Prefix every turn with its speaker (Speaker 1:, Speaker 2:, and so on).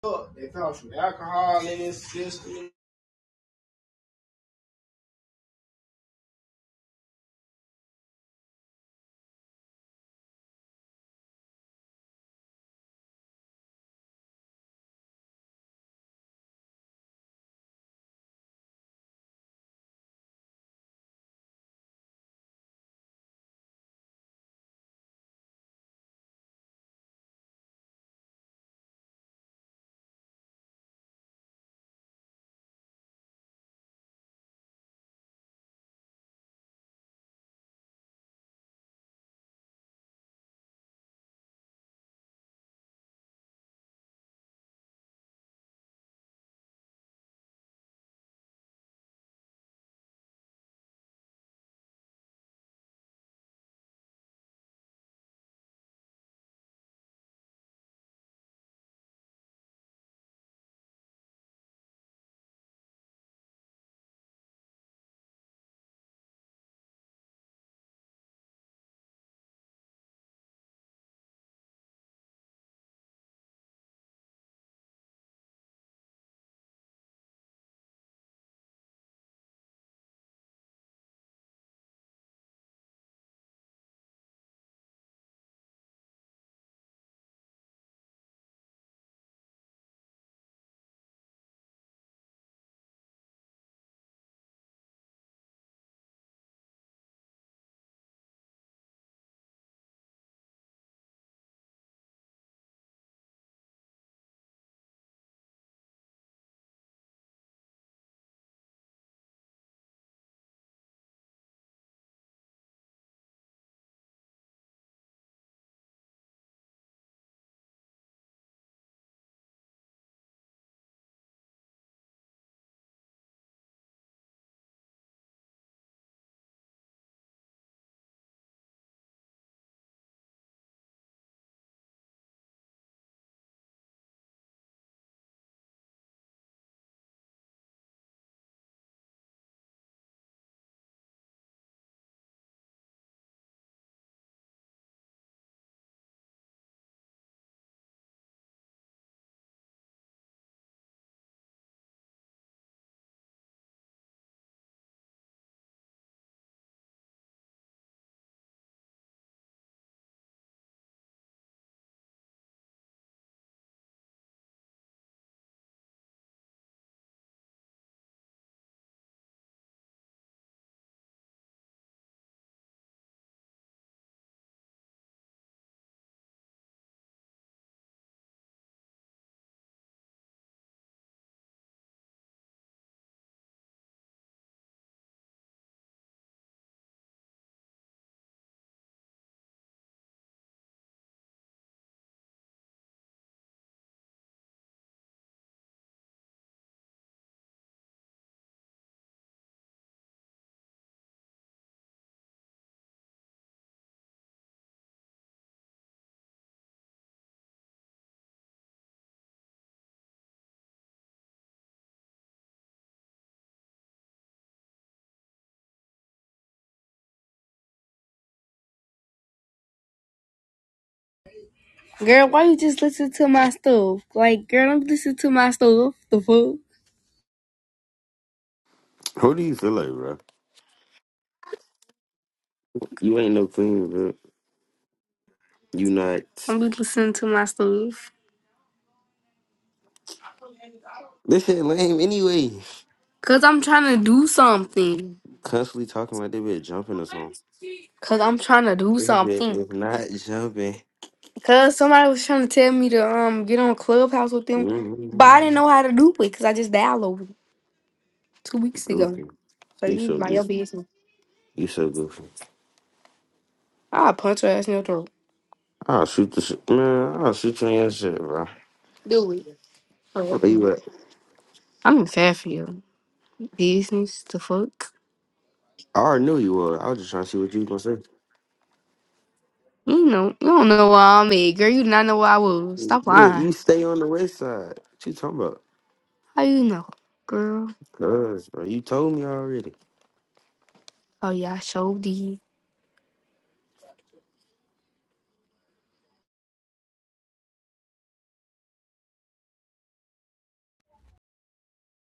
Speaker 1: Girl, why you just listen to my stuff? Like, girl, don't listen to my stuff. The fuck?
Speaker 2: Who do you feel like, bro? You ain't no queen, bro. You not.
Speaker 1: Don't be listening to my stuff.
Speaker 2: This shit lame anyway.
Speaker 1: Cause I'm trying to do something.
Speaker 2: Constantly talking like they been jumping or something.
Speaker 1: Cause I'm trying to do
Speaker 2: If it-
Speaker 1: something.
Speaker 2: if not jumping,
Speaker 1: Cause somebody was trying to tell me to um get on Clubhouse with them, but I didn't
Speaker 2: mm,
Speaker 1: know how to do it. Cause I just downloaded it two weeks ago.
Speaker 2: goofy.
Speaker 1: So
Speaker 2: You
Speaker 1: you need
Speaker 2: so
Speaker 1: my your
Speaker 2: goofy.
Speaker 1: business.
Speaker 2: You so goofy.
Speaker 1: I'll punch her ass in your throat.
Speaker 2: I'll shoot the shit. Man, I'll shoot you on your shit, bro.
Speaker 1: Do it. Oh,
Speaker 2: Where
Speaker 1: okay.
Speaker 2: you at?
Speaker 1: I'm fat for you. Business, the fuck?
Speaker 2: I already knew you were. I was just trying to see what you was gonna say.
Speaker 1: You know, you don't know where I'm at, girl. You do not know where I was. Stop
Speaker 2: But
Speaker 1: lying.
Speaker 2: you stay on the west side. What you talking about?
Speaker 1: How you know, girl?
Speaker 2: Cuz, bro, you told me already.
Speaker 1: Oh yeah, I showed you.